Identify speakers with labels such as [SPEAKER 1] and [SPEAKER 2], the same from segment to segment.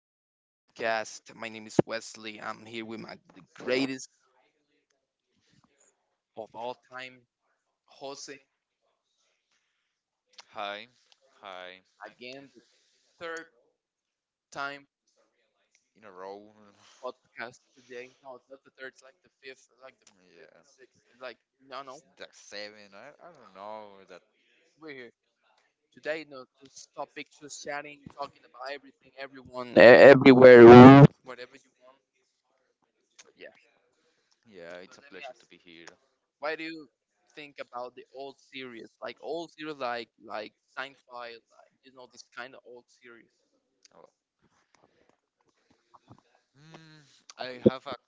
[SPEAKER 1] to another podcast. My name is Wesley. I'm here with my the greatest of all time, Jose.
[SPEAKER 2] Hi, hi,
[SPEAKER 1] Again, the third time
[SPEAKER 2] in a row.
[SPEAKER 1] podcast today. No, it's not the third. It's like the fifth, like, the
[SPEAKER 2] Yeah.
[SPEAKER 1] sixth. It's like no, no,
[SPEAKER 2] The seven. I don't know that.
[SPEAKER 1] we're here today. No, just topic, just chatting, talking about everything, everyone, everywhere, whatever you want. But yeah.
[SPEAKER 2] Yeah, it's a pleasure to be here.
[SPEAKER 1] Why do you think about the old series, like old series, like Seinfeld, like, you know, this kind of old series?
[SPEAKER 2] Oh, Hmm. I have a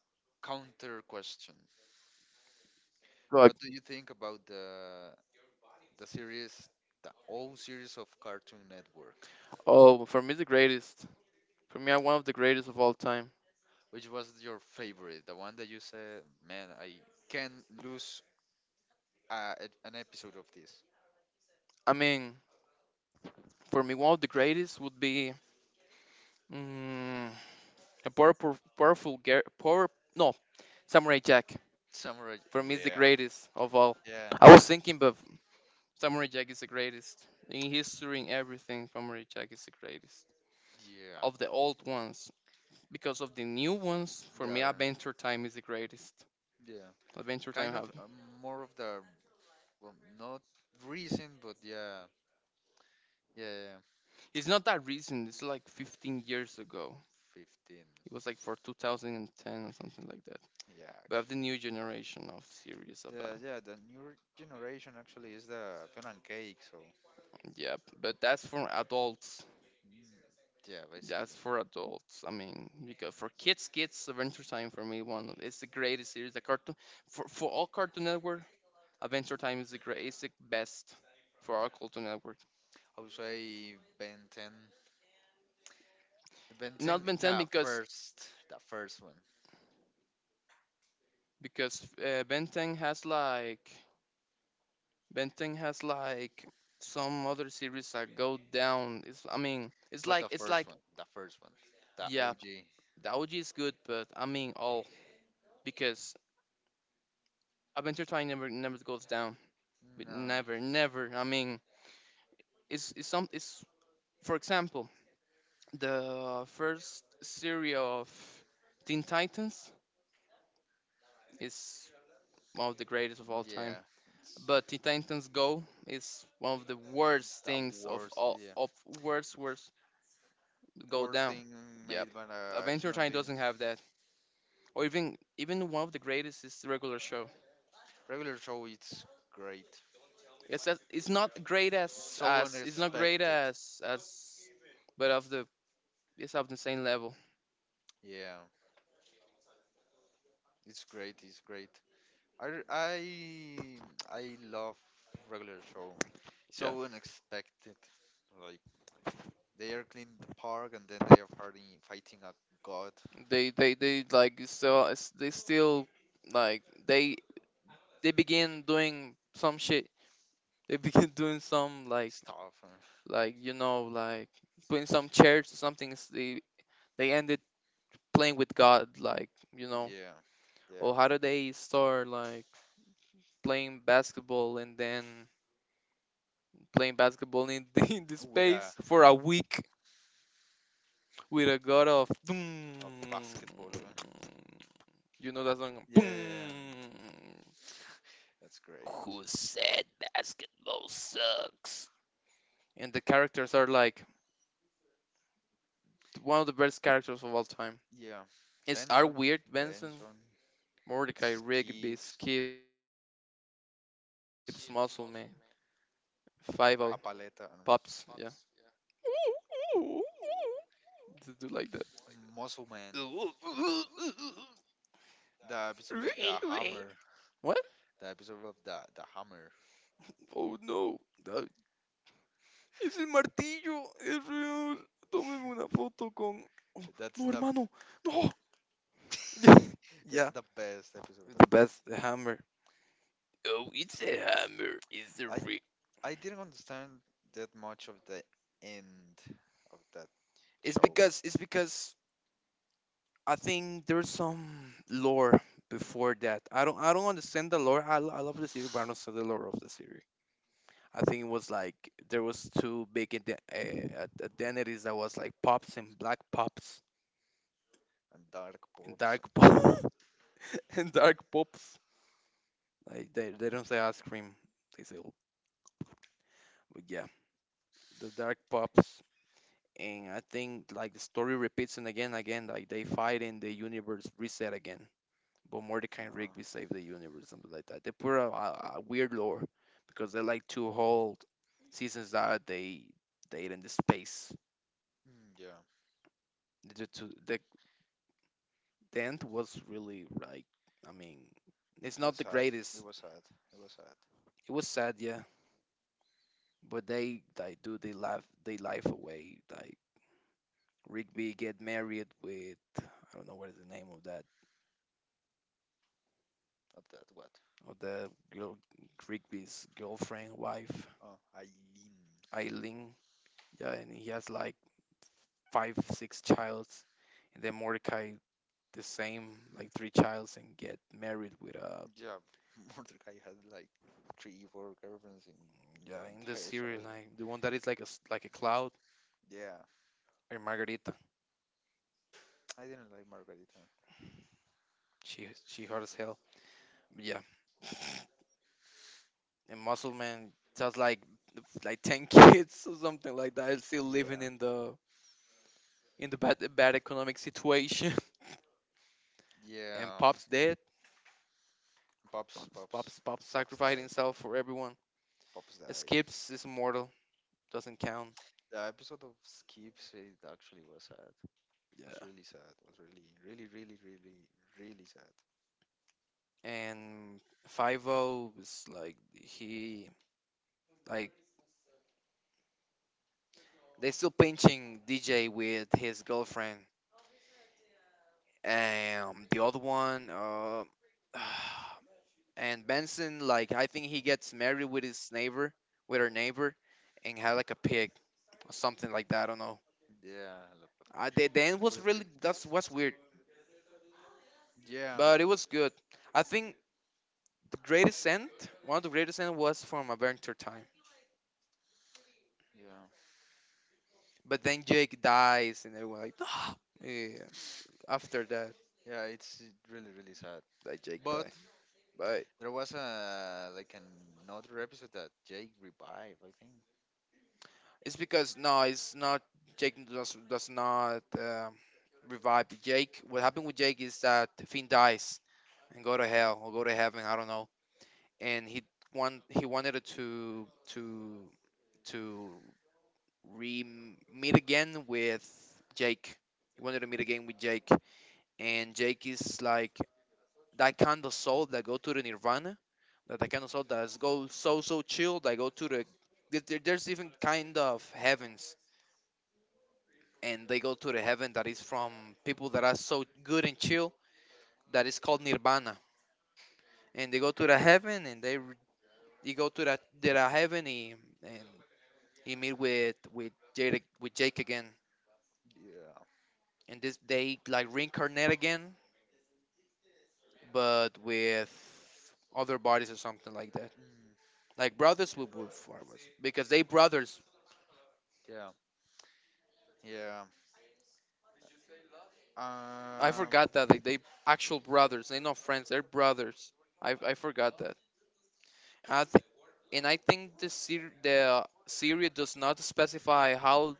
[SPEAKER 2] counter question.
[SPEAKER 1] Look,
[SPEAKER 2] What do you think about the series, the old series of Cartoon Network?
[SPEAKER 1] oh, for me the greatest. For me, I one of the greatest of all time.
[SPEAKER 2] Which was your favorite? The one that you said, man, I can't lose uh, an episode of this.
[SPEAKER 1] I mean, for me, one of the greatest would be mm, a powerful, power. No, Samurai Jack.
[SPEAKER 2] Samurai.
[SPEAKER 1] For me, is the
[SPEAKER 2] Yeah,
[SPEAKER 1] greatest of all.
[SPEAKER 2] yeah,
[SPEAKER 1] I
[SPEAKER 2] the
[SPEAKER 1] was thinking, but Samurai Jack is the greatest in history, in everything. Samurai Jack is the greatest
[SPEAKER 2] Yeah.
[SPEAKER 1] of the old ones. Because of the new ones. For me,
[SPEAKER 2] Yeah.
[SPEAKER 1] Adventure Time is the greatest.
[SPEAKER 2] Yeah.
[SPEAKER 1] Adventure Time
[SPEAKER 2] Kind of
[SPEAKER 1] have
[SPEAKER 2] more of the well, not recent, but yeah. Yeah, yeah, yeah.
[SPEAKER 1] it's not that recent. It's like 15 years ago.
[SPEAKER 2] 15.
[SPEAKER 1] It was like for 2010 or something like that.
[SPEAKER 2] Yeah, we
[SPEAKER 1] But I
[SPEAKER 2] have
[SPEAKER 1] have the new
[SPEAKER 2] actually.
[SPEAKER 1] generation of series
[SPEAKER 2] The
[SPEAKER 1] about
[SPEAKER 2] yeah the new generation actually is the Fiona and Cake. So
[SPEAKER 1] yeah. But that's for adults.
[SPEAKER 2] yeah, basically.
[SPEAKER 1] That's for adults. I mean, because for kids, kids Adventure Time for me it's the greatest series. The cartoon for all Cartoon Network, Adventure Time is the great. It's the best for all Cartoon Network.
[SPEAKER 2] I would say Ben 10. Ben ten,
[SPEAKER 1] Not
[SPEAKER 2] 10,
[SPEAKER 1] Ben 10 because
[SPEAKER 2] the first one.
[SPEAKER 1] Benteng has like Benteng has like some other series that go down. It's, I mean, it's
[SPEAKER 2] But
[SPEAKER 1] like
[SPEAKER 2] the first one, the first one, the
[SPEAKER 1] yeah,
[SPEAKER 2] OG.
[SPEAKER 1] the OG is good, but I mean all because Adventure Time never goes down. But
[SPEAKER 2] No.
[SPEAKER 1] never I mean it's some it's for example the first series of Teen Titans is one of the greatest of all time.
[SPEAKER 2] Yeah,
[SPEAKER 1] But Teen Titans Go is one of the worst
[SPEAKER 2] that
[SPEAKER 1] things of
[SPEAKER 2] worst,
[SPEAKER 1] all
[SPEAKER 2] yeah,
[SPEAKER 1] of worst go
[SPEAKER 2] worst
[SPEAKER 1] down.
[SPEAKER 2] thing
[SPEAKER 1] Yep.
[SPEAKER 2] made by a
[SPEAKER 1] Adventure
[SPEAKER 2] human
[SPEAKER 1] Time
[SPEAKER 2] being.
[SPEAKER 1] doesn't have that. Or even one of the greatest is the regular show.
[SPEAKER 2] Regular show, it's great.
[SPEAKER 1] It's as, it's not great
[SPEAKER 2] It's so
[SPEAKER 1] as
[SPEAKER 2] unexpected.
[SPEAKER 1] but of the it's of the same level.
[SPEAKER 2] Yeah, it's great. It's great. I I love regular show.
[SPEAKER 1] Yeah.
[SPEAKER 2] So unexpected. Like they are cleaning the park and then they are partying, fighting a God
[SPEAKER 1] They like so it's, they still like they begin doing some shit. They begin doing some like
[SPEAKER 2] stuff.
[SPEAKER 1] like you know, like putting some chairs or something. They ended playing with God like, you know.
[SPEAKER 2] Yeah, yeah.
[SPEAKER 1] Or how do they start like playing basketball and then playing basketball in the, in the
[SPEAKER 2] With a
[SPEAKER 1] space for a week with a god of boom.
[SPEAKER 2] of basketball.
[SPEAKER 1] You know that song?
[SPEAKER 2] Yeah, yeah, yeah.
[SPEAKER 1] Boom.
[SPEAKER 2] That's great.
[SPEAKER 1] Who said basketball sucks? And the characters are like one of the best characters of all time.
[SPEAKER 2] Yeah,
[SPEAKER 1] It's our weird Benson,
[SPEAKER 2] Benson,
[SPEAKER 1] Mordecai, Rigby,
[SPEAKER 2] Skips,
[SPEAKER 1] Skips, Muscle Man, Five O,
[SPEAKER 2] Papaleta,
[SPEAKER 1] Pops, yeah. Just do like
[SPEAKER 2] Muscle Man,
[SPEAKER 1] that.
[SPEAKER 2] the episode of the
[SPEAKER 1] What?
[SPEAKER 2] Hammer, the episode of the Hammer.
[SPEAKER 1] Oh no. Ah, Es el martillo. Es real. Tómeme una foto con.
[SPEAKER 2] That's
[SPEAKER 1] No,
[SPEAKER 2] the
[SPEAKER 1] hermano. No.
[SPEAKER 2] that's
[SPEAKER 1] Yeah.
[SPEAKER 2] the best episode
[SPEAKER 1] It's
[SPEAKER 2] of.
[SPEAKER 1] the best. The hammer. Oh, it's a hammer. It's the
[SPEAKER 2] I
[SPEAKER 1] real.
[SPEAKER 2] I didn't understand that much of the end of that show
[SPEAKER 1] It's because I think there's some lore before that. I don't, I don't understand the lore. I love the series, but I don't understand the lore of the series. I think it was like there was two big identities that was like pops and black pops
[SPEAKER 2] and Dark
[SPEAKER 1] and
[SPEAKER 2] Pops.
[SPEAKER 1] dark pops. And dark pops. Like they don't say ice cream, they say, but yeah, the dark pops. And I think like the story repeats and again, like they fight and the universe reset again. But Mordecai and Rigby save the universe, something like that. They put a weird lore because they like to hold seasons that they in the space.
[SPEAKER 2] Mm, yeah,
[SPEAKER 1] The, to, the, the end was really like, I mean,
[SPEAKER 2] it
[SPEAKER 1] it's
[SPEAKER 2] was
[SPEAKER 1] not the
[SPEAKER 2] sad. It
[SPEAKER 1] greatest.
[SPEAKER 2] was sad. It was sad.
[SPEAKER 1] It was sad, yeah, but they do they laugh they life away like Rigby get married with I don't know what is the name of that
[SPEAKER 2] Of that, what?
[SPEAKER 1] of the girl, Rigby's girlfriend wife
[SPEAKER 2] Oh, Eileen.
[SPEAKER 1] Eileen. Yeah, and he has like 5 6 childs, and then Mordecai the same like three childs and get married with a
[SPEAKER 2] Yeah, Mordecai had like three, four girlfriends in the
[SPEAKER 1] yeah in the
[SPEAKER 2] entire
[SPEAKER 1] series
[SPEAKER 2] show.
[SPEAKER 1] like the one that is like a like a cloud
[SPEAKER 2] Yeah,
[SPEAKER 1] or Margarita.
[SPEAKER 2] I didn't like Margarita.
[SPEAKER 1] She hot as hell. But yeah, and Muscle Man just like ten kids or something like that. Still living
[SPEAKER 2] Yeah,
[SPEAKER 1] in the bad, bad economic situation. And
[SPEAKER 2] yeah.
[SPEAKER 1] Pop's dead.
[SPEAKER 2] Pops,
[SPEAKER 1] Pop's,
[SPEAKER 2] Pops pops,
[SPEAKER 1] Pop's sacrificed
[SPEAKER 2] died.
[SPEAKER 1] himself for everyone.
[SPEAKER 2] Pops died.
[SPEAKER 1] Skips is immortal. Doesn't count.
[SPEAKER 2] The episode of Skips it actually was sad.
[SPEAKER 1] Yeah.
[SPEAKER 2] Was really sad. Was really, really, really, really, really sad.
[SPEAKER 1] And 5 O is like, he, like, they still pinching DJ with his girlfriend. And the other one, and Benson, like, I think he gets married with his neighbor, with her neighbor, and had like a pig or something like that. I don't know.
[SPEAKER 2] Yeah, but
[SPEAKER 1] The end was really, that's what's weird.
[SPEAKER 2] yeah,
[SPEAKER 1] But it was good. I think the greatest end, one of the greatest end was from Adventure Time.
[SPEAKER 2] yeah,
[SPEAKER 1] But then Jake dies, and everyone like, no. Yeah, after that,
[SPEAKER 2] yeah. It's really, really sad.
[SPEAKER 1] that Jake
[SPEAKER 2] But
[SPEAKER 1] died. But
[SPEAKER 2] there was a like another episode that Jake revived, I think.
[SPEAKER 1] it's because no, it's not. Jake does not revive Jake. What happened with Jake is that Finn dies and go to hell or go to heaven. I don't know. And he want he wanted it to re meet again with Jake. He wanted to meet again with Jake and Jake is like that kind of soul that go to the Nirvana, that kind of soul that go so so chill. That go to the there's even kind of heavens, and they go to the heaven that is from people that are so good and chill that is called Nirvana, and they go to the heaven and they you go to that their heaven he, and he meet with Jake again,
[SPEAKER 2] Yeah,
[SPEAKER 1] and this they like reincarnate again, but with other bodies or something like that.
[SPEAKER 2] mm,
[SPEAKER 1] Like brothers with wood farmers because they brothers.
[SPEAKER 2] yeah, yeah.
[SPEAKER 1] I
[SPEAKER 2] Um,
[SPEAKER 1] forgot that like they actual brothers. They not friends. They're brothers. I forgot that. And I think and I think the the series does not specify how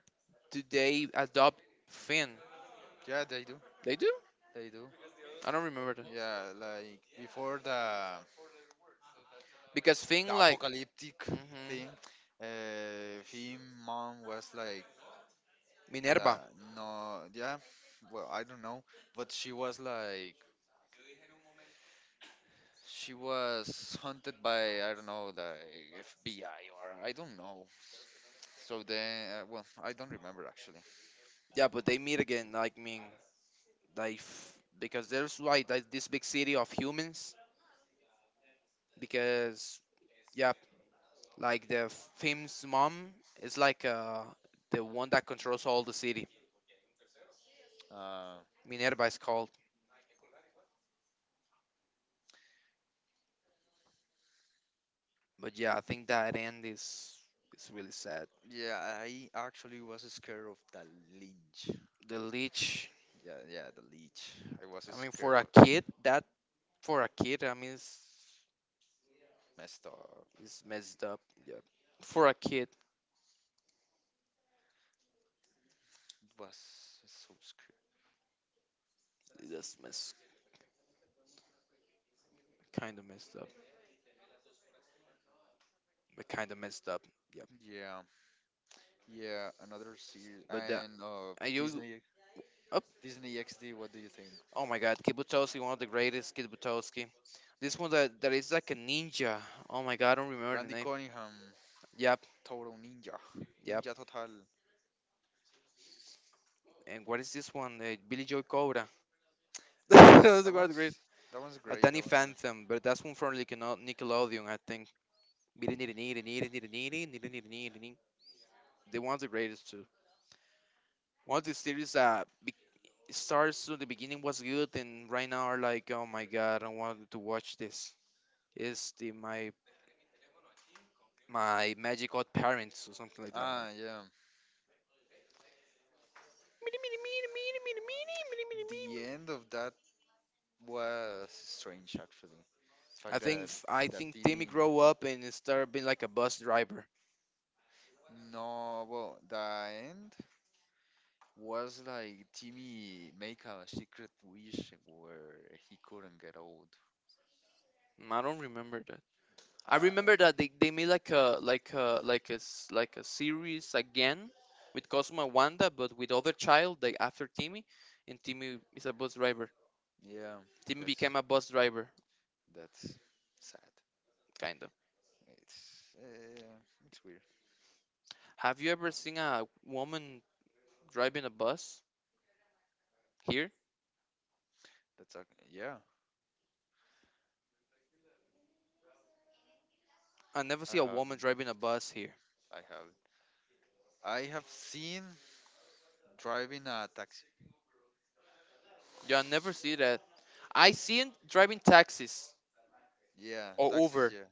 [SPEAKER 1] do they adopt Finn.
[SPEAKER 2] yeah, they do,
[SPEAKER 1] They do.
[SPEAKER 2] they do.
[SPEAKER 1] I don't remember that
[SPEAKER 2] Yeah, like before
[SPEAKER 1] because Finn
[SPEAKER 2] the
[SPEAKER 1] like
[SPEAKER 2] apocalyptic
[SPEAKER 1] hmm
[SPEAKER 2] thing, him mom was like,
[SPEAKER 1] Minerva.
[SPEAKER 2] la, no, yeah. Well, I don't know, but she was like she was hunted by I don't know the FBI or I don't know. So then, well, I don't remember actually.
[SPEAKER 1] Yeah, but they meet again. Like mean like because there's like, this big city of humans because yeah. Like the famous mom is like the one that controls all the city.
[SPEAKER 2] Uh,
[SPEAKER 1] Minerva is called. But yeah, I think that end is really sad.
[SPEAKER 2] yeah, I actually was scared of the lynch.
[SPEAKER 1] The leech.
[SPEAKER 2] Yeah, yeah, the leech. I was
[SPEAKER 1] I mean,
[SPEAKER 2] scared
[SPEAKER 1] for a
[SPEAKER 2] of that.
[SPEAKER 1] kid, that for a kid, I mean,
[SPEAKER 2] Messed up.
[SPEAKER 1] it's messed up. Yeah, for a kid,
[SPEAKER 2] It was so scary.
[SPEAKER 1] that's mess kind of messed up. But kind of messed up. Yeah.
[SPEAKER 2] Yeah, yeah. Another series
[SPEAKER 1] But
[SPEAKER 2] and
[SPEAKER 1] are you
[SPEAKER 2] Disney,
[SPEAKER 1] up?
[SPEAKER 2] Disney XD. What do you think?
[SPEAKER 1] Oh my God, Kibutowski, one of the greatest Kibutowski. This one that is like a ninja. Oh my God, I don't remember the
[SPEAKER 2] Randy
[SPEAKER 1] name.
[SPEAKER 2] Cunningham,
[SPEAKER 1] Yep.
[SPEAKER 2] Total Ninja, Ninja Total.
[SPEAKER 1] And what is this one? Billy Joe Cobra. That's the
[SPEAKER 2] That
[SPEAKER 1] Guard
[SPEAKER 2] one's
[SPEAKER 1] Grace.
[SPEAKER 2] that one's great. That
[SPEAKER 1] Danny
[SPEAKER 2] one's great.
[SPEAKER 1] Phantom, but that's one from Nickelodeon, I think. The one's the greatest too. One of the series that starts to the beginning was good, and right now are like, oh my god, I want to watch this. Is the my Magic Odd parents or something like that? I don't know.
[SPEAKER 2] Ah, yeah. The end of that was strange, actually. The
[SPEAKER 1] I
[SPEAKER 2] fact
[SPEAKER 1] think
[SPEAKER 2] that
[SPEAKER 1] I
[SPEAKER 2] that
[SPEAKER 1] think Timmy
[SPEAKER 2] Timmy.
[SPEAKER 1] grow up and start being like a bus driver.
[SPEAKER 2] No, well, the end was like Timmy make a secret wish where he couldn't get old.
[SPEAKER 1] Mm, I don't remember I
[SPEAKER 2] Uh,
[SPEAKER 1] remember that they made like a like a series again with Cosmo and Wanda, but with other child like after Timmy, and Timmy is a bus driver.
[SPEAKER 2] yeah,
[SPEAKER 1] Timmy
[SPEAKER 2] that's
[SPEAKER 1] became a bus driver,
[SPEAKER 2] that's sad.
[SPEAKER 1] kinda.
[SPEAKER 2] It's uh, it's weird.
[SPEAKER 1] Have you ever seen a woman driving a bus here?
[SPEAKER 2] That's ac- yeah.
[SPEAKER 1] I never
[SPEAKER 2] I
[SPEAKER 1] see a
[SPEAKER 2] have
[SPEAKER 1] woman driving a bus here.
[SPEAKER 2] I have I have seen driving a taxi.
[SPEAKER 1] Yeah, I never see that. I seen driving taxis
[SPEAKER 2] Yeah, or
[SPEAKER 1] or
[SPEAKER 2] taxis.
[SPEAKER 1] Uber.
[SPEAKER 2] Uber.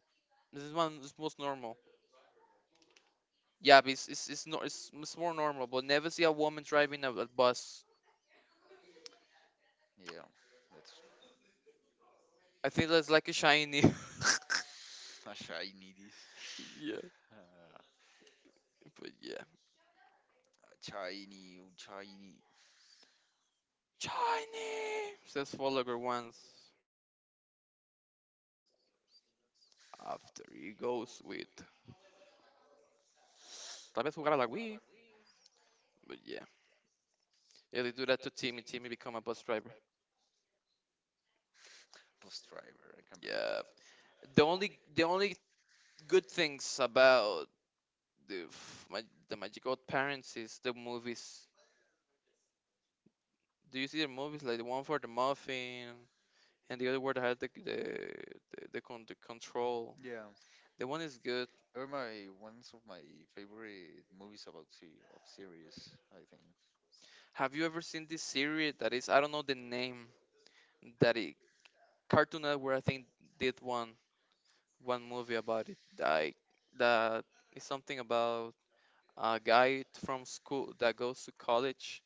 [SPEAKER 1] This is one is most normal. Yeah, but it's, no, it's more normal, but never see a woman driving a bus.
[SPEAKER 2] Yeah, yeah.
[SPEAKER 1] I think that's like a shiny.
[SPEAKER 2] That's a shiny this.
[SPEAKER 1] Yeah,
[SPEAKER 2] Uh,
[SPEAKER 1] but yeah,
[SPEAKER 2] a shiny, shiny
[SPEAKER 1] shiny. Says follower once after he goes with. Tal vez jugar a la Wii. But yeah, yeah, they do that to Timmy. Timmy become a bus driver.
[SPEAKER 2] bus driver. I can't believe that.
[SPEAKER 1] Yeah, the only good things about the f- my, the Magic Old Parents is the movies. Do you see the movies like the one for the muffin and the other one that had the control?
[SPEAKER 2] Yeah,
[SPEAKER 1] The one is good.
[SPEAKER 2] they're my ones of my favorite movies about sea of series. I think.
[SPEAKER 1] Have you ever seen this series that is I don't know the name that it Cartoon Network I think did one movie about it. I that is something about a guy from school that goes to college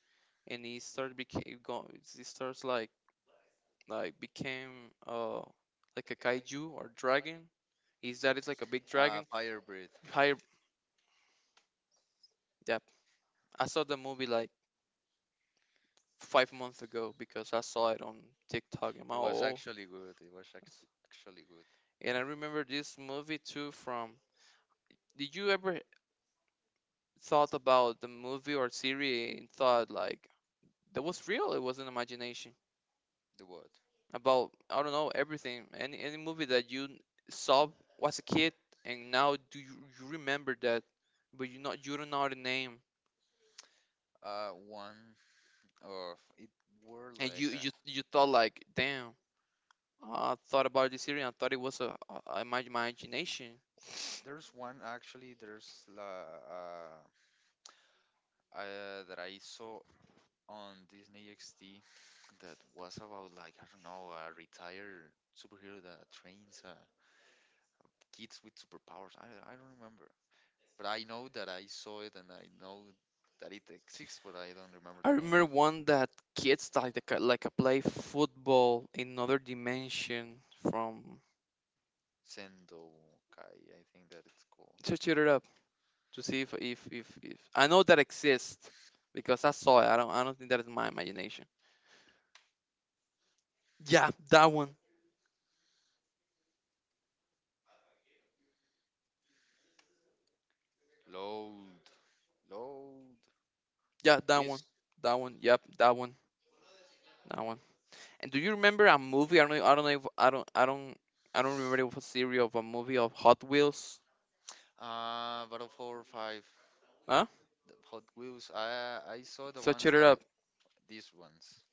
[SPEAKER 1] and he started became go he starts like became like a kaiju or dragon. Is that it's like a big dragon?
[SPEAKER 2] Firebird.
[SPEAKER 1] Higher yeah. I saw the movie like 5 months ago because I saw it on TikTok and I'm
[SPEAKER 2] It was
[SPEAKER 1] all
[SPEAKER 2] actually good. It was
[SPEAKER 1] oh,
[SPEAKER 2] actu- actually good.
[SPEAKER 1] and I remember this movie too from. Did you ever thought about the movie or series and thought like that was real? It wasn't imagination.
[SPEAKER 2] The what?
[SPEAKER 1] About I don't know everything. Any movie that saw was a kid, and now you remember that, but you don't know the name,
[SPEAKER 2] One of it were
[SPEAKER 1] and
[SPEAKER 2] like
[SPEAKER 1] you
[SPEAKER 2] a,
[SPEAKER 1] you you thought like damn. I thought about this series and I thought it was a my imagination.
[SPEAKER 2] there's one actually. There's la that I saw on Disney XD that was about like I don't know a retired superhero that trains kids with superpowers. I don't remember, but I know that I saw it and I know that it exists, but I don't remember
[SPEAKER 1] I
[SPEAKER 2] the
[SPEAKER 1] remember one that kids like like a play football in another dimension from.
[SPEAKER 2] Sendo Kai. I think that it's called
[SPEAKER 1] Search it up to see if I know that exists because I saw it. I don't think that is my imagination. Yeah, that one.
[SPEAKER 2] Load Load.
[SPEAKER 1] Yeah, that one.
[SPEAKER 2] This
[SPEAKER 1] That one. Yep, that one. That one. And do you remember a movie? I don't know. I don't know if I don't I don't I don't remember. It was a series of a movie of Hot Wheels.
[SPEAKER 2] Battle 45
[SPEAKER 1] Huh?
[SPEAKER 2] the Hot Wheels. I saw the
[SPEAKER 1] Search
[SPEAKER 2] ones
[SPEAKER 1] it up.
[SPEAKER 2] these ones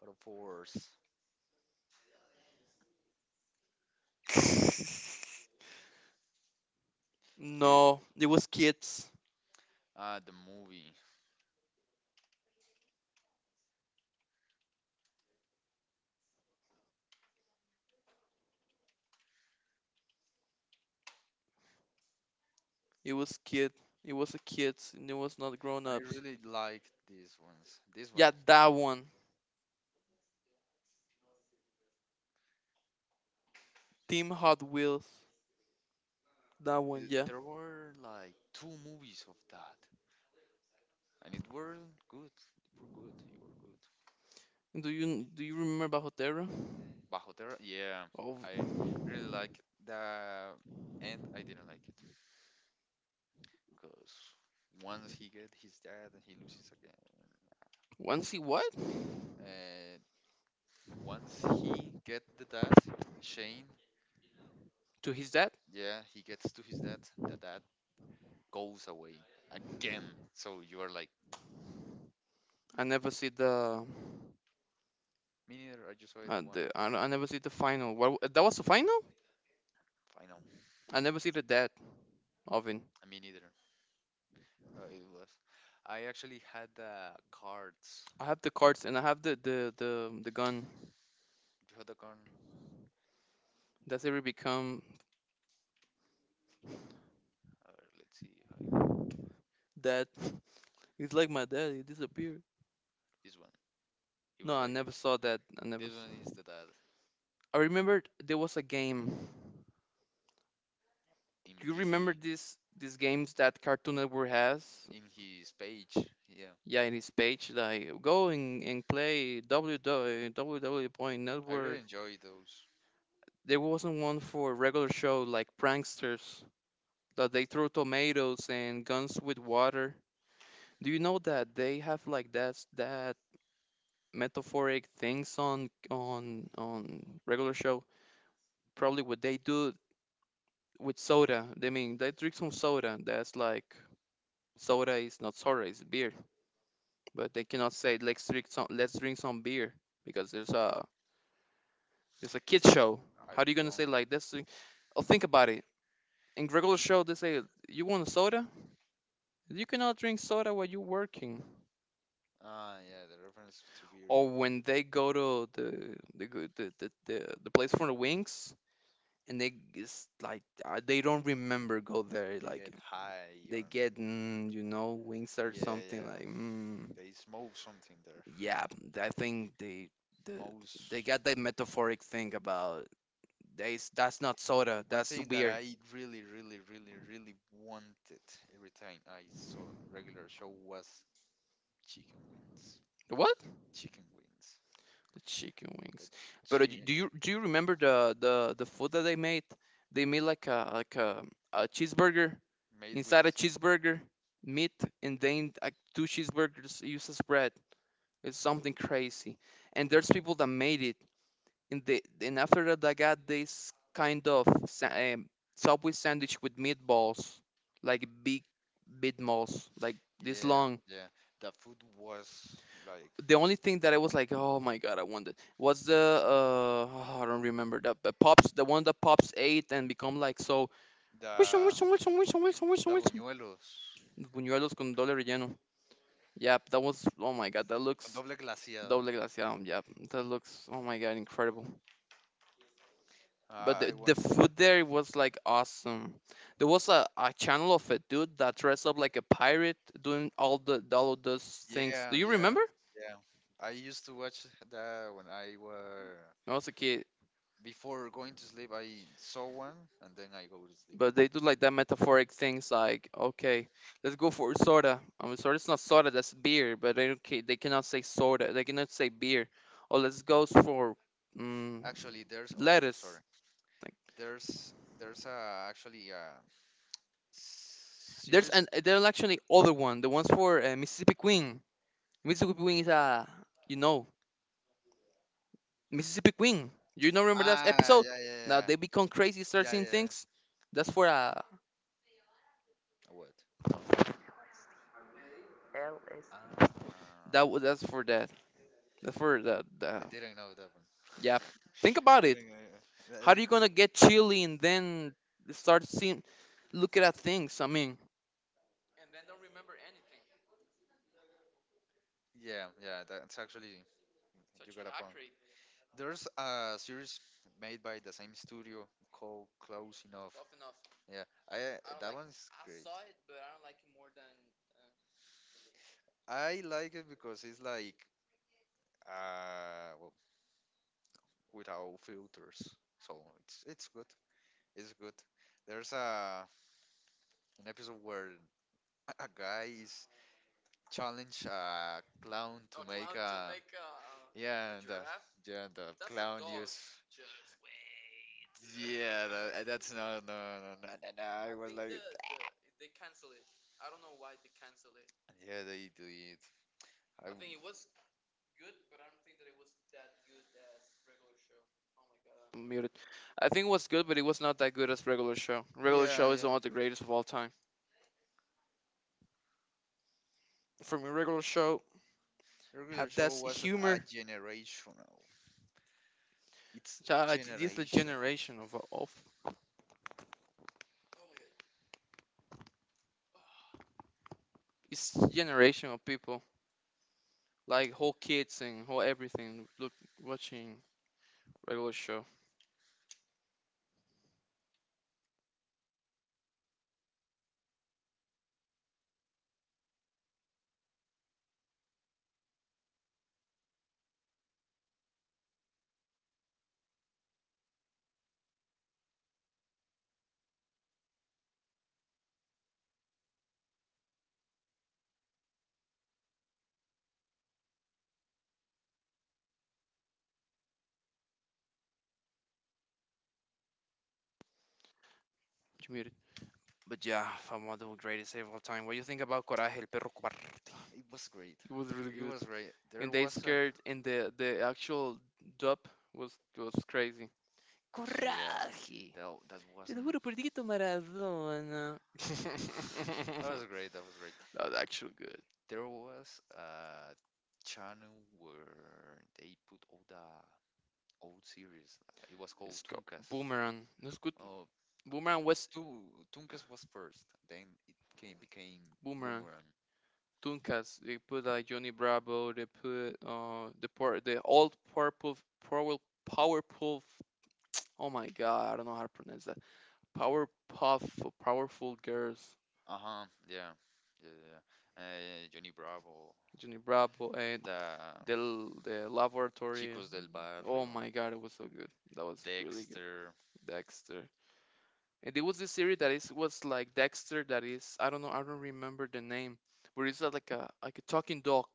[SPEAKER 2] Battle Force. This
[SPEAKER 1] No, it was kids.
[SPEAKER 2] the movie.
[SPEAKER 1] It was kid. It was a kids and it was not grown
[SPEAKER 2] I
[SPEAKER 1] ups.
[SPEAKER 2] really liked these ones. This one.
[SPEAKER 1] Yeah, that one. Team Hot Wheels. That one,
[SPEAKER 2] Th-
[SPEAKER 1] yeah.
[SPEAKER 2] There were like two movies of that, and it were good. It were good. It were good.
[SPEAKER 1] Do you remember Hotero?
[SPEAKER 2] Bajo Terra, yeah,
[SPEAKER 1] Oh,
[SPEAKER 2] I really like it. The and I didn't like it because once he get his dad and he loses again.
[SPEAKER 1] once he what?
[SPEAKER 2] And once he get the dad, Shane,
[SPEAKER 1] To his dad?
[SPEAKER 2] yeah, he gets to his dad. The dad goes away again. So you are like,
[SPEAKER 1] I never see
[SPEAKER 2] me neither. I just saw it once.
[SPEAKER 1] the. I never see the final. What, that was the final?
[SPEAKER 2] Final.
[SPEAKER 1] I never see the dad of him.
[SPEAKER 2] Me neither. It was. I actually had the cards.
[SPEAKER 1] I have the cards and I have the gun.
[SPEAKER 2] You had the card.
[SPEAKER 1] That's ever become
[SPEAKER 2] Let's see. How I can...
[SPEAKER 1] dad. He's like my dad. He disappeared.
[SPEAKER 2] This one. It
[SPEAKER 1] No,
[SPEAKER 2] was
[SPEAKER 1] I
[SPEAKER 2] like this.
[SPEAKER 1] never saw that. I never.
[SPEAKER 2] This
[SPEAKER 1] S-
[SPEAKER 2] one is the dad
[SPEAKER 1] I remember there was a game.
[SPEAKER 2] in
[SPEAKER 1] Do you
[SPEAKER 2] PC.
[SPEAKER 1] remember these games that Cartoon Network has?
[SPEAKER 2] In his page. Yeah.
[SPEAKER 1] Yeah, in his page, like go and play WWW point
[SPEAKER 2] I really
[SPEAKER 1] Network.
[SPEAKER 2] enjoy those.
[SPEAKER 1] There wasn't one for regular show like pranksters that they throw tomatoes and guns with water. Do you know that they have like that metaphoric things on on regular show? Probably what they do with soda. They mean they drink some soda. That's like, soda is not soda, it's beer, but they cannot say let's drink some, let's drink some beer because there's a kid show.
[SPEAKER 2] I
[SPEAKER 1] How are you gonna
[SPEAKER 2] don't.
[SPEAKER 1] say like this? Oh, think about it. In regular show, they say you want a soda. You cannot drink soda while you're working,
[SPEAKER 2] Ah, yeah, the reference to beer.
[SPEAKER 1] or when
[SPEAKER 2] Yeah.
[SPEAKER 1] they go to the place for the wings. And they, it's like they don't remember go there
[SPEAKER 2] They
[SPEAKER 1] like
[SPEAKER 2] get high
[SPEAKER 1] they
[SPEAKER 2] on.
[SPEAKER 1] get you know, wings or
[SPEAKER 2] Yeah,
[SPEAKER 1] something
[SPEAKER 2] yeah.
[SPEAKER 1] like
[SPEAKER 2] They smoke something there.
[SPEAKER 1] yeah. I think they
[SPEAKER 2] The
[SPEAKER 1] the
[SPEAKER 2] most.
[SPEAKER 1] they got that metaphoric thing about that's, not soda.
[SPEAKER 2] One
[SPEAKER 1] That's
[SPEAKER 2] thing that
[SPEAKER 1] beer.
[SPEAKER 2] I really, really, really, really wanted every time I saw regular show was chicken wings.
[SPEAKER 1] What?
[SPEAKER 2] Chicken wings.
[SPEAKER 1] Chicken
[SPEAKER 2] The
[SPEAKER 1] wings. But do
[SPEAKER 2] chicken
[SPEAKER 1] you remember the food that they made? They made like a cheeseburger
[SPEAKER 2] made with
[SPEAKER 1] inside a cheeseburger, meat, and then like two cheeseburgers used as bread. It's something crazy. And there's people that made it, and they, and after that they got this kind of Subway sandwich with meatballs, like big meatballs, like this
[SPEAKER 2] yeah,
[SPEAKER 1] long.
[SPEAKER 2] yeah. The food was like
[SPEAKER 1] The only thing that I was like, oh my god, I wanted was the uh oh, I don't remember that, but pops, the one that pops ate and become like so Wilson
[SPEAKER 2] the
[SPEAKER 1] Wilson Wilson Wilson Wilson Wilson
[SPEAKER 2] the
[SPEAKER 1] Wilson.
[SPEAKER 2] buñuelos
[SPEAKER 1] Buñuelos con doble relleno. Yeah, that was oh my god, that
[SPEAKER 2] con
[SPEAKER 1] looks
[SPEAKER 2] doble glaseado.
[SPEAKER 1] doble glaciado. Yeah, that looks oh my god, incredible. But
[SPEAKER 2] I
[SPEAKER 1] the
[SPEAKER 2] want,
[SPEAKER 1] food there was like awesome. There was a channel of a dude that dressed up like a pirate doing all of those things.
[SPEAKER 2] yeah,
[SPEAKER 1] Do you
[SPEAKER 2] yeah,
[SPEAKER 1] remember?
[SPEAKER 2] yeah. I used to watch that when I were
[SPEAKER 1] I was a kid.
[SPEAKER 2] before going to sleep. I saw one and then I go to sleep.
[SPEAKER 1] But they do like that metaphoric things like okay, let's go for soda, I mean sorry, it's not soda, that's beer, but they don't ca- they cannot say soda, they cannot say beer. Or let's go for mm
[SPEAKER 2] Actually, there's oh
[SPEAKER 1] lettuce,
[SPEAKER 2] sorry,
[SPEAKER 1] like.
[SPEAKER 2] there's a actually a series.
[SPEAKER 1] There's actually other one, the ones for Mississippi Queen. Mississippi Queen is a, you know, Mississippi Queen, you know, remember that
[SPEAKER 2] Ah,
[SPEAKER 1] episode?
[SPEAKER 2] yeah, yeah,
[SPEAKER 1] Now
[SPEAKER 2] yeah,
[SPEAKER 1] they become crazy, start
[SPEAKER 2] yeah, yeah,
[SPEAKER 1] seeing
[SPEAKER 2] yeah.
[SPEAKER 1] things. That's for
[SPEAKER 2] What? Tongue? Ah,
[SPEAKER 1] that's for that, that's for the,
[SPEAKER 2] I didn't know that one.
[SPEAKER 1] yeah, think about it.
[SPEAKER 2] Didn't.
[SPEAKER 1] How
[SPEAKER 2] That
[SPEAKER 1] are
[SPEAKER 2] is
[SPEAKER 1] you
[SPEAKER 2] cool.
[SPEAKER 1] gonna get chilly and then start seeing, looking at things? I mean,
[SPEAKER 2] Yeah, yeah. That's actually you got a point. There's a series made by the same studio called Close Enough. Yeah, I that one's great. I like it because it's like well, without filters, so it's good. It's good. There's a an episode where a guy is challenge a clown to make yeah and the yeah and the clown use yeah, that, that's no, no, no, no, no, no. I was like, yeah, they do it I, w-
[SPEAKER 1] I'm muted. I think it was good, but it was not that good as regular show. Regular show
[SPEAKER 2] yeah,
[SPEAKER 1] is
[SPEAKER 2] yeah.
[SPEAKER 1] one of the greatest of all time. For me, regular show have
[SPEAKER 2] Regular
[SPEAKER 1] that
[SPEAKER 2] show was a
[SPEAKER 1] humor.
[SPEAKER 2] generational. It's
[SPEAKER 1] Child, like, this is the
[SPEAKER 2] generational.
[SPEAKER 1] generation of, it's generation of people like whole kids and whole everything. Look, watching regular show. You muted. But yeah, from one of the greatest of all time. What do you think about Coraje, el perro cobarde?
[SPEAKER 2] Ah, it was great.
[SPEAKER 1] It was really
[SPEAKER 2] It
[SPEAKER 1] good.
[SPEAKER 2] was great. There
[SPEAKER 1] And they
[SPEAKER 2] was a
[SPEAKER 1] scared, and the actual dub was was crazy.
[SPEAKER 2] yeah.
[SPEAKER 1] Coraje.
[SPEAKER 2] That that
[SPEAKER 1] Te lo
[SPEAKER 2] wasn't.
[SPEAKER 1] juro por Diego Maradona.
[SPEAKER 2] That was great. That was great.
[SPEAKER 1] that was actually good.
[SPEAKER 2] There was a channel where they put all the old series. It was called
[SPEAKER 1] It's called
[SPEAKER 2] Tunkas.
[SPEAKER 1] Boomerang. That's good.
[SPEAKER 2] Oh,
[SPEAKER 1] Boomerang was
[SPEAKER 2] two Tunkas was first. Then it came, became
[SPEAKER 1] Boomerang. Tunkas. They put like Johnny Bravo. They put the old purple power powerful. Oh my god, I don't know how to pronounce that. Powerpuff, powerful girls.
[SPEAKER 2] Uh huh. Yeah. Yeah, yeah. Johnny Bravo.
[SPEAKER 1] Johnny Bravo and
[SPEAKER 2] The
[SPEAKER 1] the laboratory.
[SPEAKER 2] Chicos del Oh
[SPEAKER 1] Oh
[SPEAKER 2] Barrio.
[SPEAKER 1] my god, it was so good. That was really good.
[SPEAKER 2] Dexter.
[SPEAKER 1] Dexter. And there was this series that is was like Dexter, that is, I don't know, I don't remember the name. But it's like a talking dog.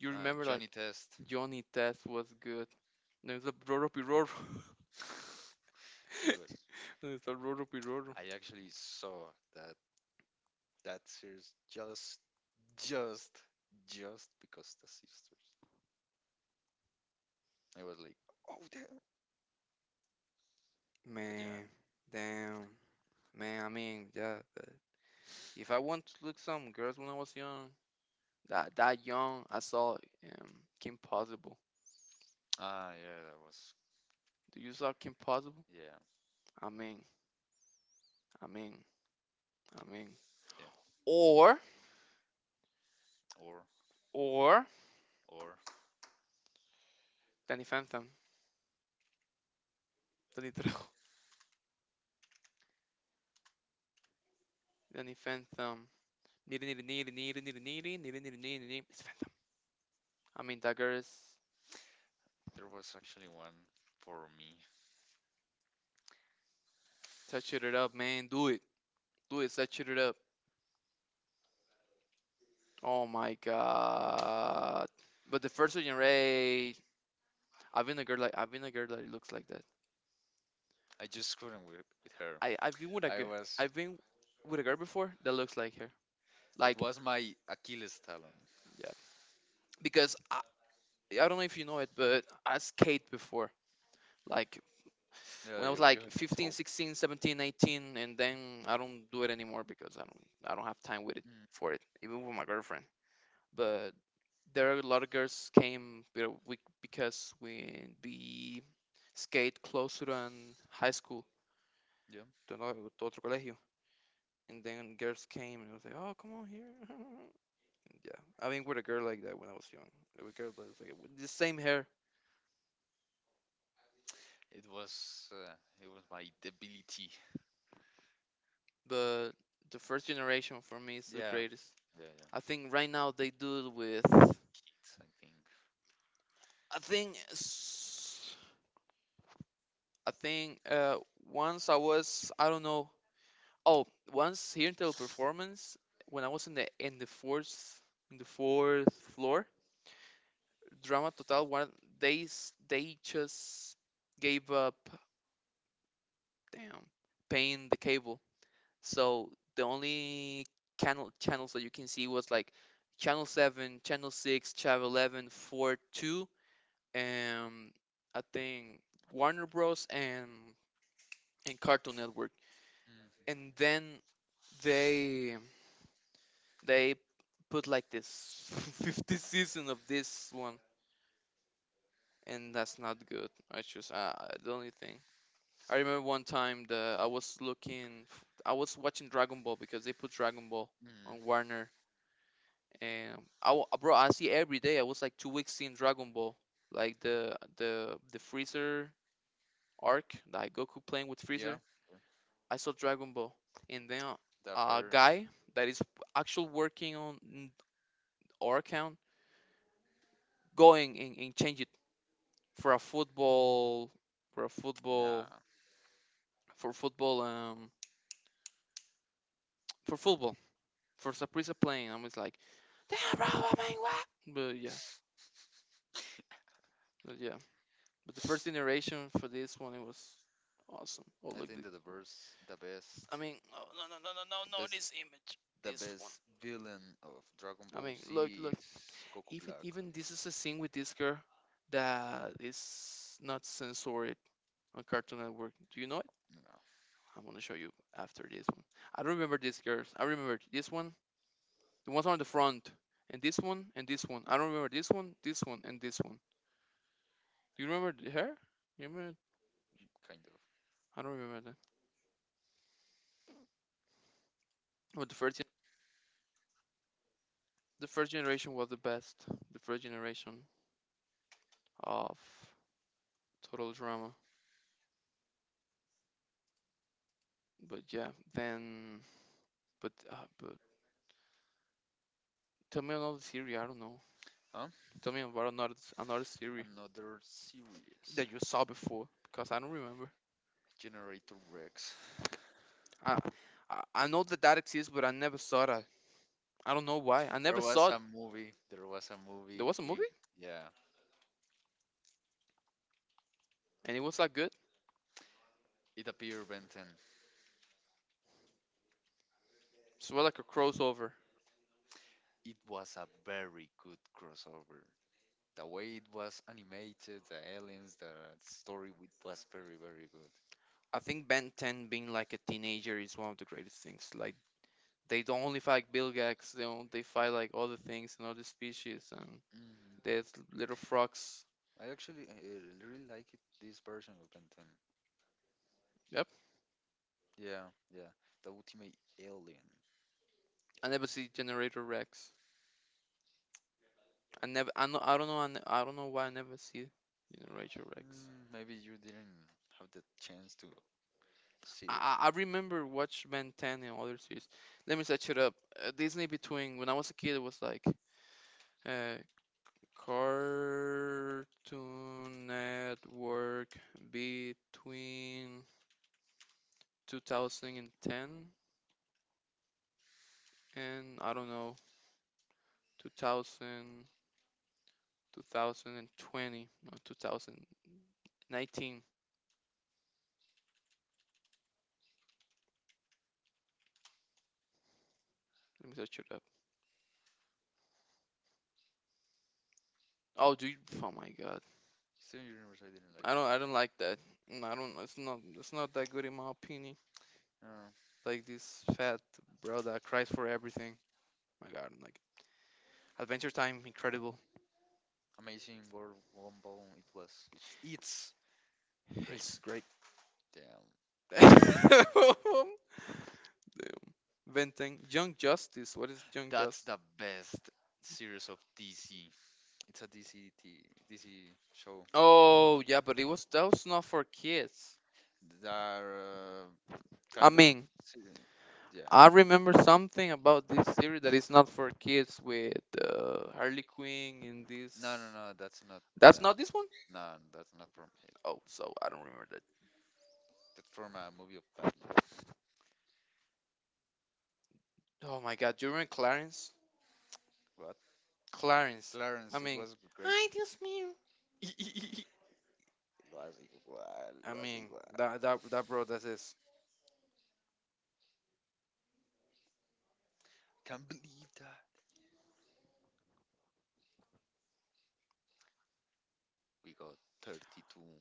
[SPEAKER 1] You
[SPEAKER 2] Uh,
[SPEAKER 1] remember like
[SPEAKER 2] Johnny Test.
[SPEAKER 1] Johnny Test was good. No, it's a Roro Piroro.
[SPEAKER 2] It was.
[SPEAKER 1] No, it's a Roro Piroro.
[SPEAKER 2] I actually saw that that series just, just because the sisters. I was like, oh damn. But yeah.
[SPEAKER 1] Man, damn. Man, I mean, yeah. But if I want to look some girls when I was young, that that young, I saw Kim Possible.
[SPEAKER 2] Ah, yeah, that was
[SPEAKER 1] Do you saw Kim Possible?
[SPEAKER 2] yeah,
[SPEAKER 1] Amén, amén, amén.
[SPEAKER 2] yeah.
[SPEAKER 1] Or,
[SPEAKER 2] Or
[SPEAKER 1] or,
[SPEAKER 2] or
[SPEAKER 1] Danny Phantom. Danny Trejo. Danny Phantom. Niri, niri, niri, niri, niri, niri, niri, niri, niri, niri. It's Phantom. I mean, that girl is
[SPEAKER 2] there was actually one for me.
[SPEAKER 1] touching it up, man. Do it. Do it. Touch it up. Oh my god. But the first Virgin Ray, I've been a girl that looks like that.
[SPEAKER 2] I just couldn't with her.
[SPEAKER 1] I've been with a
[SPEAKER 2] I
[SPEAKER 1] girl.
[SPEAKER 2] was
[SPEAKER 1] I've been with a girl before that looks like her.
[SPEAKER 2] it
[SPEAKER 1] Like
[SPEAKER 2] was my Achilles talon.
[SPEAKER 1] yeah, because I don't know if you know it, but I skate before, like
[SPEAKER 2] Yeah,
[SPEAKER 1] when I
[SPEAKER 2] you
[SPEAKER 1] was
[SPEAKER 2] you
[SPEAKER 1] like
[SPEAKER 2] have
[SPEAKER 1] 15,
[SPEAKER 2] told.
[SPEAKER 1] 16, 17, 18, and then I don't do it anymore because I don't have time with it
[SPEAKER 2] Mm,
[SPEAKER 1] for it even with my girlfriend. But there are a lot of girls came, you know, because we skate closer than high school
[SPEAKER 2] yeah,
[SPEAKER 1] to another, to otro colegio, and then girls came and I was like oh come on here. yeah, I mean, with a girl like that when I was young, a girl that was like with the same hair.
[SPEAKER 2] it was uh, it was my debility.
[SPEAKER 1] But the first generation for me is the
[SPEAKER 2] Yeah,
[SPEAKER 1] greatest.
[SPEAKER 2] yeah,
[SPEAKER 1] I
[SPEAKER 2] yeah.
[SPEAKER 1] think right now they do it with,
[SPEAKER 2] Kids, I think.
[SPEAKER 1] I think I think once I was I don't know, oh, once here in Teleperformance, when I was in the fourth, in the fourth floor, Drama Total one, they just gave up, damn, paying the cable, so the only channels that you can see was like channel 7, channel 6, channel 11, four, 2, and I think Warner Bros and Cartoon Network,
[SPEAKER 2] Mm.
[SPEAKER 1] and then they they put like this 50th season of this one, and that's not good. I just the only thing, I remember one time the I was looking, I was watching Dragon Ball because they put Dragon Ball
[SPEAKER 2] Mm.
[SPEAKER 1] on Warner, and bro, I see every day. I was like 2 weeks seeing Dragon Ball, like the Freezer arc, like Goku playing with
[SPEAKER 2] Yeah,
[SPEAKER 1] Freezer.
[SPEAKER 2] yeah.
[SPEAKER 1] I saw Dragon Ball, and then
[SPEAKER 2] The
[SPEAKER 1] a
[SPEAKER 2] first.
[SPEAKER 1] guy that is actually working our account, going and change it for a football, for a football,
[SPEAKER 2] Nah.
[SPEAKER 1] for football, for football, for Saprissa playing. I was like, damn, bro, I mean, what? But yeah, but yeah, but the first generation for this one it was awesome. Oh
[SPEAKER 2] I
[SPEAKER 1] look,
[SPEAKER 2] think
[SPEAKER 1] the,
[SPEAKER 2] that the best, the best,
[SPEAKER 1] I mean, oh, no, no, no, no, no,
[SPEAKER 2] the
[SPEAKER 1] no,
[SPEAKER 2] best,
[SPEAKER 1] this image,
[SPEAKER 2] the
[SPEAKER 1] this one.
[SPEAKER 2] best villain of Dragon
[SPEAKER 1] I
[SPEAKER 2] Ball
[SPEAKER 1] mean,
[SPEAKER 2] Z
[SPEAKER 1] look, look.
[SPEAKER 2] is Goku Black.
[SPEAKER 1] Even this is a scene with this girl that is not censored on Cartoon Network. Do you know it?
[SPEAKER 2] No,
[SPEAKER 1] I'm gonna show you after this one. I don't remember this girl. I remember this one, the ones on the front, and this one and this one. I don't remember this one, and this one. Do you remember her? You remember?
[SPEAKER 2] kind of.
[SPEAKER 1] I don't remember that. But the first generation was the best. The first generation of total drama. But yeah, then, but tell me another series. I don't know.
[SPEAKER 2] Huh?
[SPEAKER 1] Tell me about another series
[SPEAKER 2] Another series.
[SPEAKER 1] that you saw before? Because I don't remember.
[SPEAKER 2] Generator Rex.
[SPEAKER 1] I I know that that exists, but I never saw that. I don't know why. I
[SPEAKER 2] There
[SPEAKER 1] never
[SPEAKER 2] was
[SPEAKER 1] saw it.
[SPEAKER 2] a movie. There was a
[SPEAKER 1] There
[SPEAKER 2] movie.
[SPEAKER 1] was a
[SPEAKER 2] In,
[SPEAKER 1] movie,
[SPEAKER 2] yeah.
[SPEAKER 1] and it was like good.
[SPEAKER 2] It appeared Ben 10.
[SPEAKER 1] It's more like a crossover.
[SPEAKER 2] It was a very good crossover. The way it was animated, the aliens, the story, it was very, very good.
[SPEAKER 1] I think Ben 10 being like a teenager is one of the greatest things. Like they don't only fight Bilgax, they don't, they fight like other things and other species and
[SPEAKER 2] Mm-hmm.
[SPEAKER 1] there's little frogs.
[SPEAKER 2] I actually really like it, this version of Ben 10.
[SPEAKER 1] Yep.
[SPEAKER 2] Yeah, yeah. The Ultimate Alien.
[SPEAKER 1] I never see Generator Rex. I never I know I don't know I, ne- I don't know why I never see Generator Rex.
[SPEAKER 2] Mm, maybe you didn't have the chance to see it.
[SPEAKER 1] I remember watch Ben 10 and other series. Let me set it up. Disney between when I was a kid, it was like uh, Cartoon Network between 2010 and, I don't know, 2000, 2020, no, 2019. Let me search it up. Oh, oh my God!
[SPEAKER 2] Steven Universe I didn't like.
[SPEAKER 1] I don't like that. Mm, I don't. It's not that good in my opinion.
[SPEAKER 2] Uh,
[SPEAKER 1] Like this fat bro that cries for everything. My god, I'm like Adventure Time, incredible.
[SPEAKER 2] Amazing World Gumball, it was, it's great.
[SPEAKER 1] It's great.
[SPEAKER 2] Damn.
[SPEAKER 1] Damn. Venting. Young Justice. What is Young
[SPEAKER 2] That's
[SPEAKER 1] Justice?
[SPEAKER 2] the best series of DC. It's a DC, t- DC show.
[SPEAKER 1] Oh yeah, but it was that was not for kids.
[SPEAKER 2] They're
[SPEAKER 1] I
[SPEAKER 2] kind of.
[SPEAKER 1] mean,
[SPEAKER 2] Se- Yeah.
[SPEAKER 1] I remember something about this series that is not for kids with Harley Quinn and
[SPEAKER 2] No, no,
[SPEAKER 1] this.
[SPEAKER 2] no, that's not
[SPEAKER 1] That's not this one.
[SPEAKER 2] no, that's not from it.
[SPEAKER 1] Oh, so I don't remember that.
[SPEAKER 2] That's from a movie of Bad
[SPEAKER 1] Oh my God, do you remember Clarence?
[SPEAKER 2] God.
[SPEAKER 1] Clarence. I
[SPEAKER 2] Clarence, it
[SPEAKER 1] mean,
[SPEAKER 2] was great.
[SPEAKER 1] hi, Dios mío.
[SPEAKER 2] Lo hace igual,
[SPEAKER 1] I
[SPEAKER 2] lo hace
[SPEAKER 1] mean,
[SPEAKER 2] igual.
[SPEAKER 1] that bro, that's this.
[SPEAKER 2] Can't believe that. We got 32.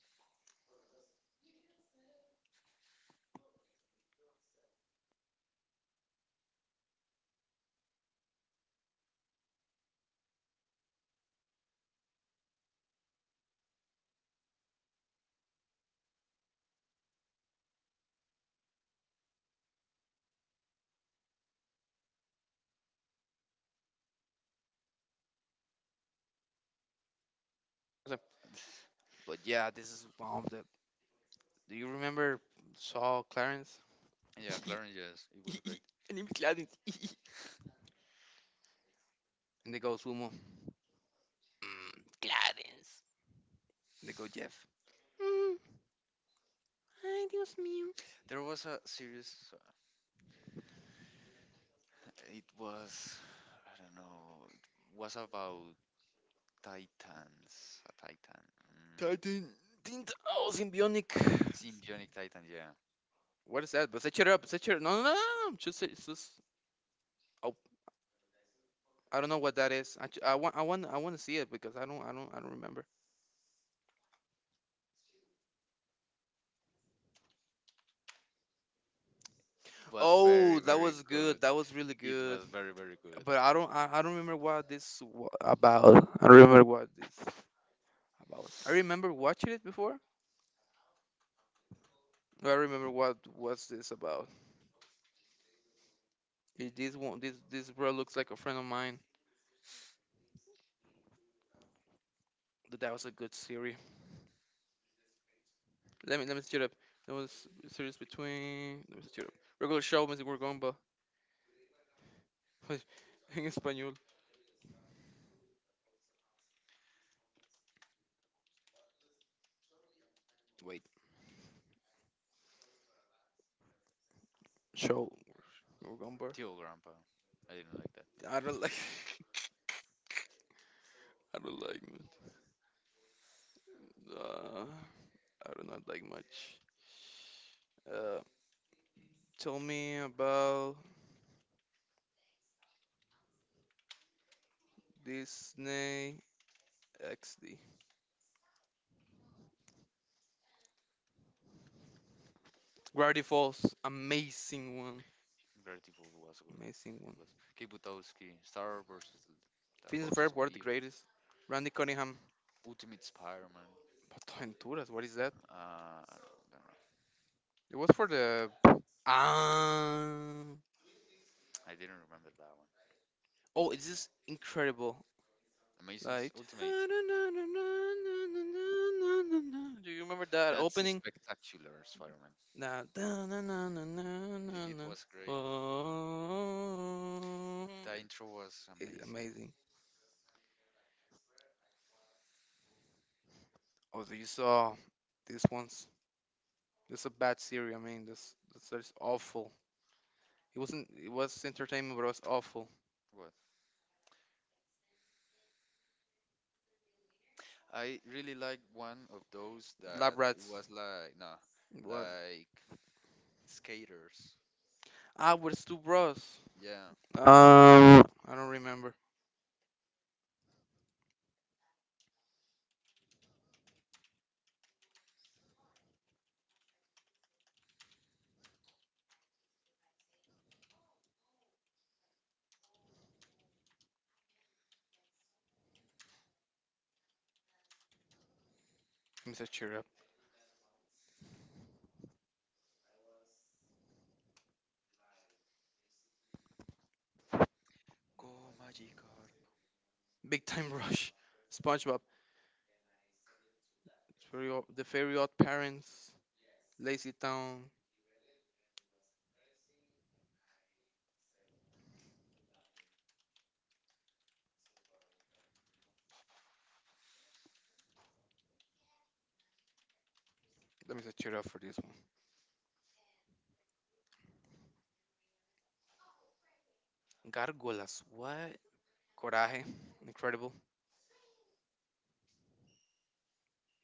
[SPEAKER 1] But yeah, this is one of the. Do you remember Saul Clarence?
[SPEAKER 2] Yeah, Clarence, yes, it was great.
[SPEAKER 1] My name is Clarence. And they go Sumo. Mm, Clarence. And they go Jeff. Mm, ay, Dios mío.
[SPEAKER 2] There was a series, it was, I don't know, it was about Titans. A Titan. Mm.
[SPEAKER 1] Titan. Tint. Oh, Symbionic.
[SPEAKER 2] Symbionic Titan, yeah.
[SPEAKER 1] What is that? But set it up. Set it. No, no, no, no, no, no. Just, it's just. Oh, I don't know what that is. I want to see it because I don't remember.
[SPEAKER 2] It was very,
[SPEAKER 1] Oh, that
[SPEAKER 2] very
[SPEAKER 1] was
[SPEAKER 2] good.
[SPEAKER 1] good. That was really
[SPEAKER 2] It
[SPEAKER 1] good.
[SPEAKER 2] was very, very good.
[SPEAKER 1] But I don't remember what this about. I don't remember what this about. I remember watching it before, but I remember what was this about. It, this one, this bro looks like a friend of mine. But that was a good series. Let me steer up. That was a series between. Let me steer up. Regular show, Mr. Gorgomba. In Espanol. Wait, show Gorgomba.
[SPEAKER 2] Tio Grandpa. I didn't like that. No.
[SPEAKER 1] I
[SPEAKER 2] I
[SPEAKER 1] don't
[SPEAKER 2] don't like.
[SPEAKER 1] like. I don't like it. Uh, I do not like much. Uh, tell me about Disney XD. Gravity Falls, amazing one,
[SPEAKER 2] Gravity Falls was good.
[SPEAKER 1] amazing.
[SPEAKER 2] It was Kibutowski, Star versus the This
[SPEAKER 1] Phineas and
[SPEAKER 2] Forces
[SPEAKER 1] Ferb
[SPEAKER 2] of
[SPEAKER 1] were
[SPEAKER 2] was
[SPEAKER 1] the
[SPEAKER 2] Evil, great.
[SPEAKER 1] greatest. Randy Cunningham,
[SPEAKER 2] Ultimate Spider-Man.
[SPEAKER 1] Venturas, what is that?
[SPEAKER 2] I don't know.
[SPEAKER 1] It was for the ah.
[SPEAKER 2] I didn't remember that one.
[SPEAKER 1] Oh, it's just incredible.
[SPEAKER 2] Amazing s-
[SPEAKER 1] Like,
[SPEAKER 2] Ultimate.
[SPEAKER 1] do you remember that
[SPEAKER 2] That's a
[SPEAKER 1] opening?
[SPEAKER 2] spectacular Spider-Man.
[SPEAKER 1] Na- da- na- na- na- na-
[SPEAKER 2] It
[SPEAKER 1] na-
[SPEAKER 2] it
[SPEAKER 1] na.
[SPEAKER 2] was great.
[SPEAKER 1] Oh,
[SPEAKER 2] The intro was
[SPEAKER 1] it's
[SPEAKER 2] amazing.
[SPEAKER 1] amazing. Oh, so you saw these ones. This a bad series. I mean, this is awful. It wasn't. It was entertainment, but it was awful.
[SPEAKER 2] What? I really like one of those that
[SPEAKER 1] Lab
[SPEAKER 2] it
[SPEAKER 1] Rats.
[SPEAKER 2] was like no,
[SPEAKER 1] What?
[SPEAKER 2] like skaters.
[SPEAKER 1] Ah, with Stu Bros.
[SPEAKER 2] Yeah.
[SPEAKER 1] I don't remember. Let me set cheer up.
[SPEAKER 2] Go Magikarp.
[SPEAKER 1] Big Time Rush, SpongeBob, it's very The Fairy Odd Parents, Lazy Town. Let me set cheer up for this one. Gargolas, what? Coraje, incredible.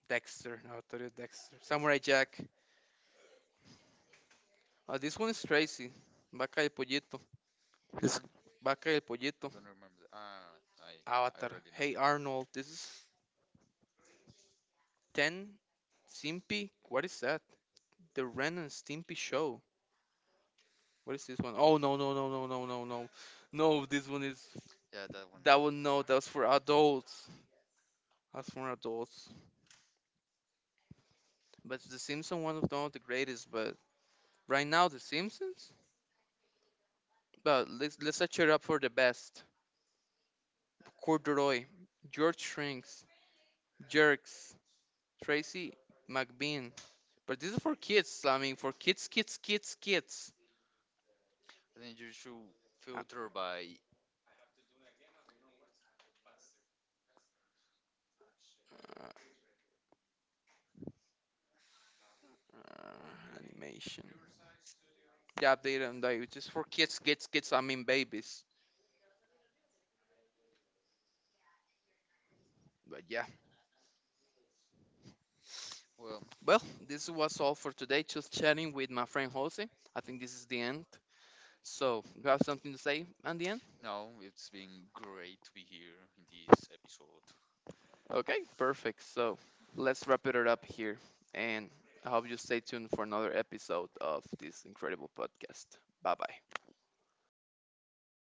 [SPEAKER 1] Dexter. No, I thought it was Dexter. Samurai Jack. This one is Tracy. Vaca y Pollito.
[SPEAKER 2] Which
[SPEAKER 1] This
[SPEAKER 2] one?
[SPEAKER 1] Vaca y el
[SPEAKER 2] I
[SPEAKER 1] Pollito.
[SPEAKER 2] don't remember. Ah, I
[SPEAKER 1] Avatar.
[SPEAKER 2] already know.
[SPEAKER 1] Hey Arnold, this is 10 Simpy. What is that? The Ren and Stimpy Show. What is this one? Oh no no no no no no no. No, this one is
[SPEAKER 2] Yeah, that one.
[SPEAKER 1] that one, no, that's for adults. That's for adults. But The Simpsons, one of one of the greatest, but right now The Simpsons? But let's set it up for the best. Corduroy, George Shrinks, Jerks, Tracy McBean. But this is for kids. I mean, for kids, kids, kids, kids.
[SPEAKER 2] And then you should
[SPEAKER 1] Uh,
[SPEAKER 2] filter by.
[SPEAKER 1] uh, animation. Yeah, update and like it's just for kids, kids, kids. I mean babies. But yeah,
[SPEAKER 2] Well,
[SPEAKER 1] well, this was all for today. Just chatting with my friend Jose. I think this is the end. So, you have something to say at the end?
[SPEAKER 2] no, it's been great to be here in this episode.
[SPEAKER 1] Okay, perfect. So, let's wrap it up here. And I hope you stay tuned for another episode of this incredible podcast. Bye bye.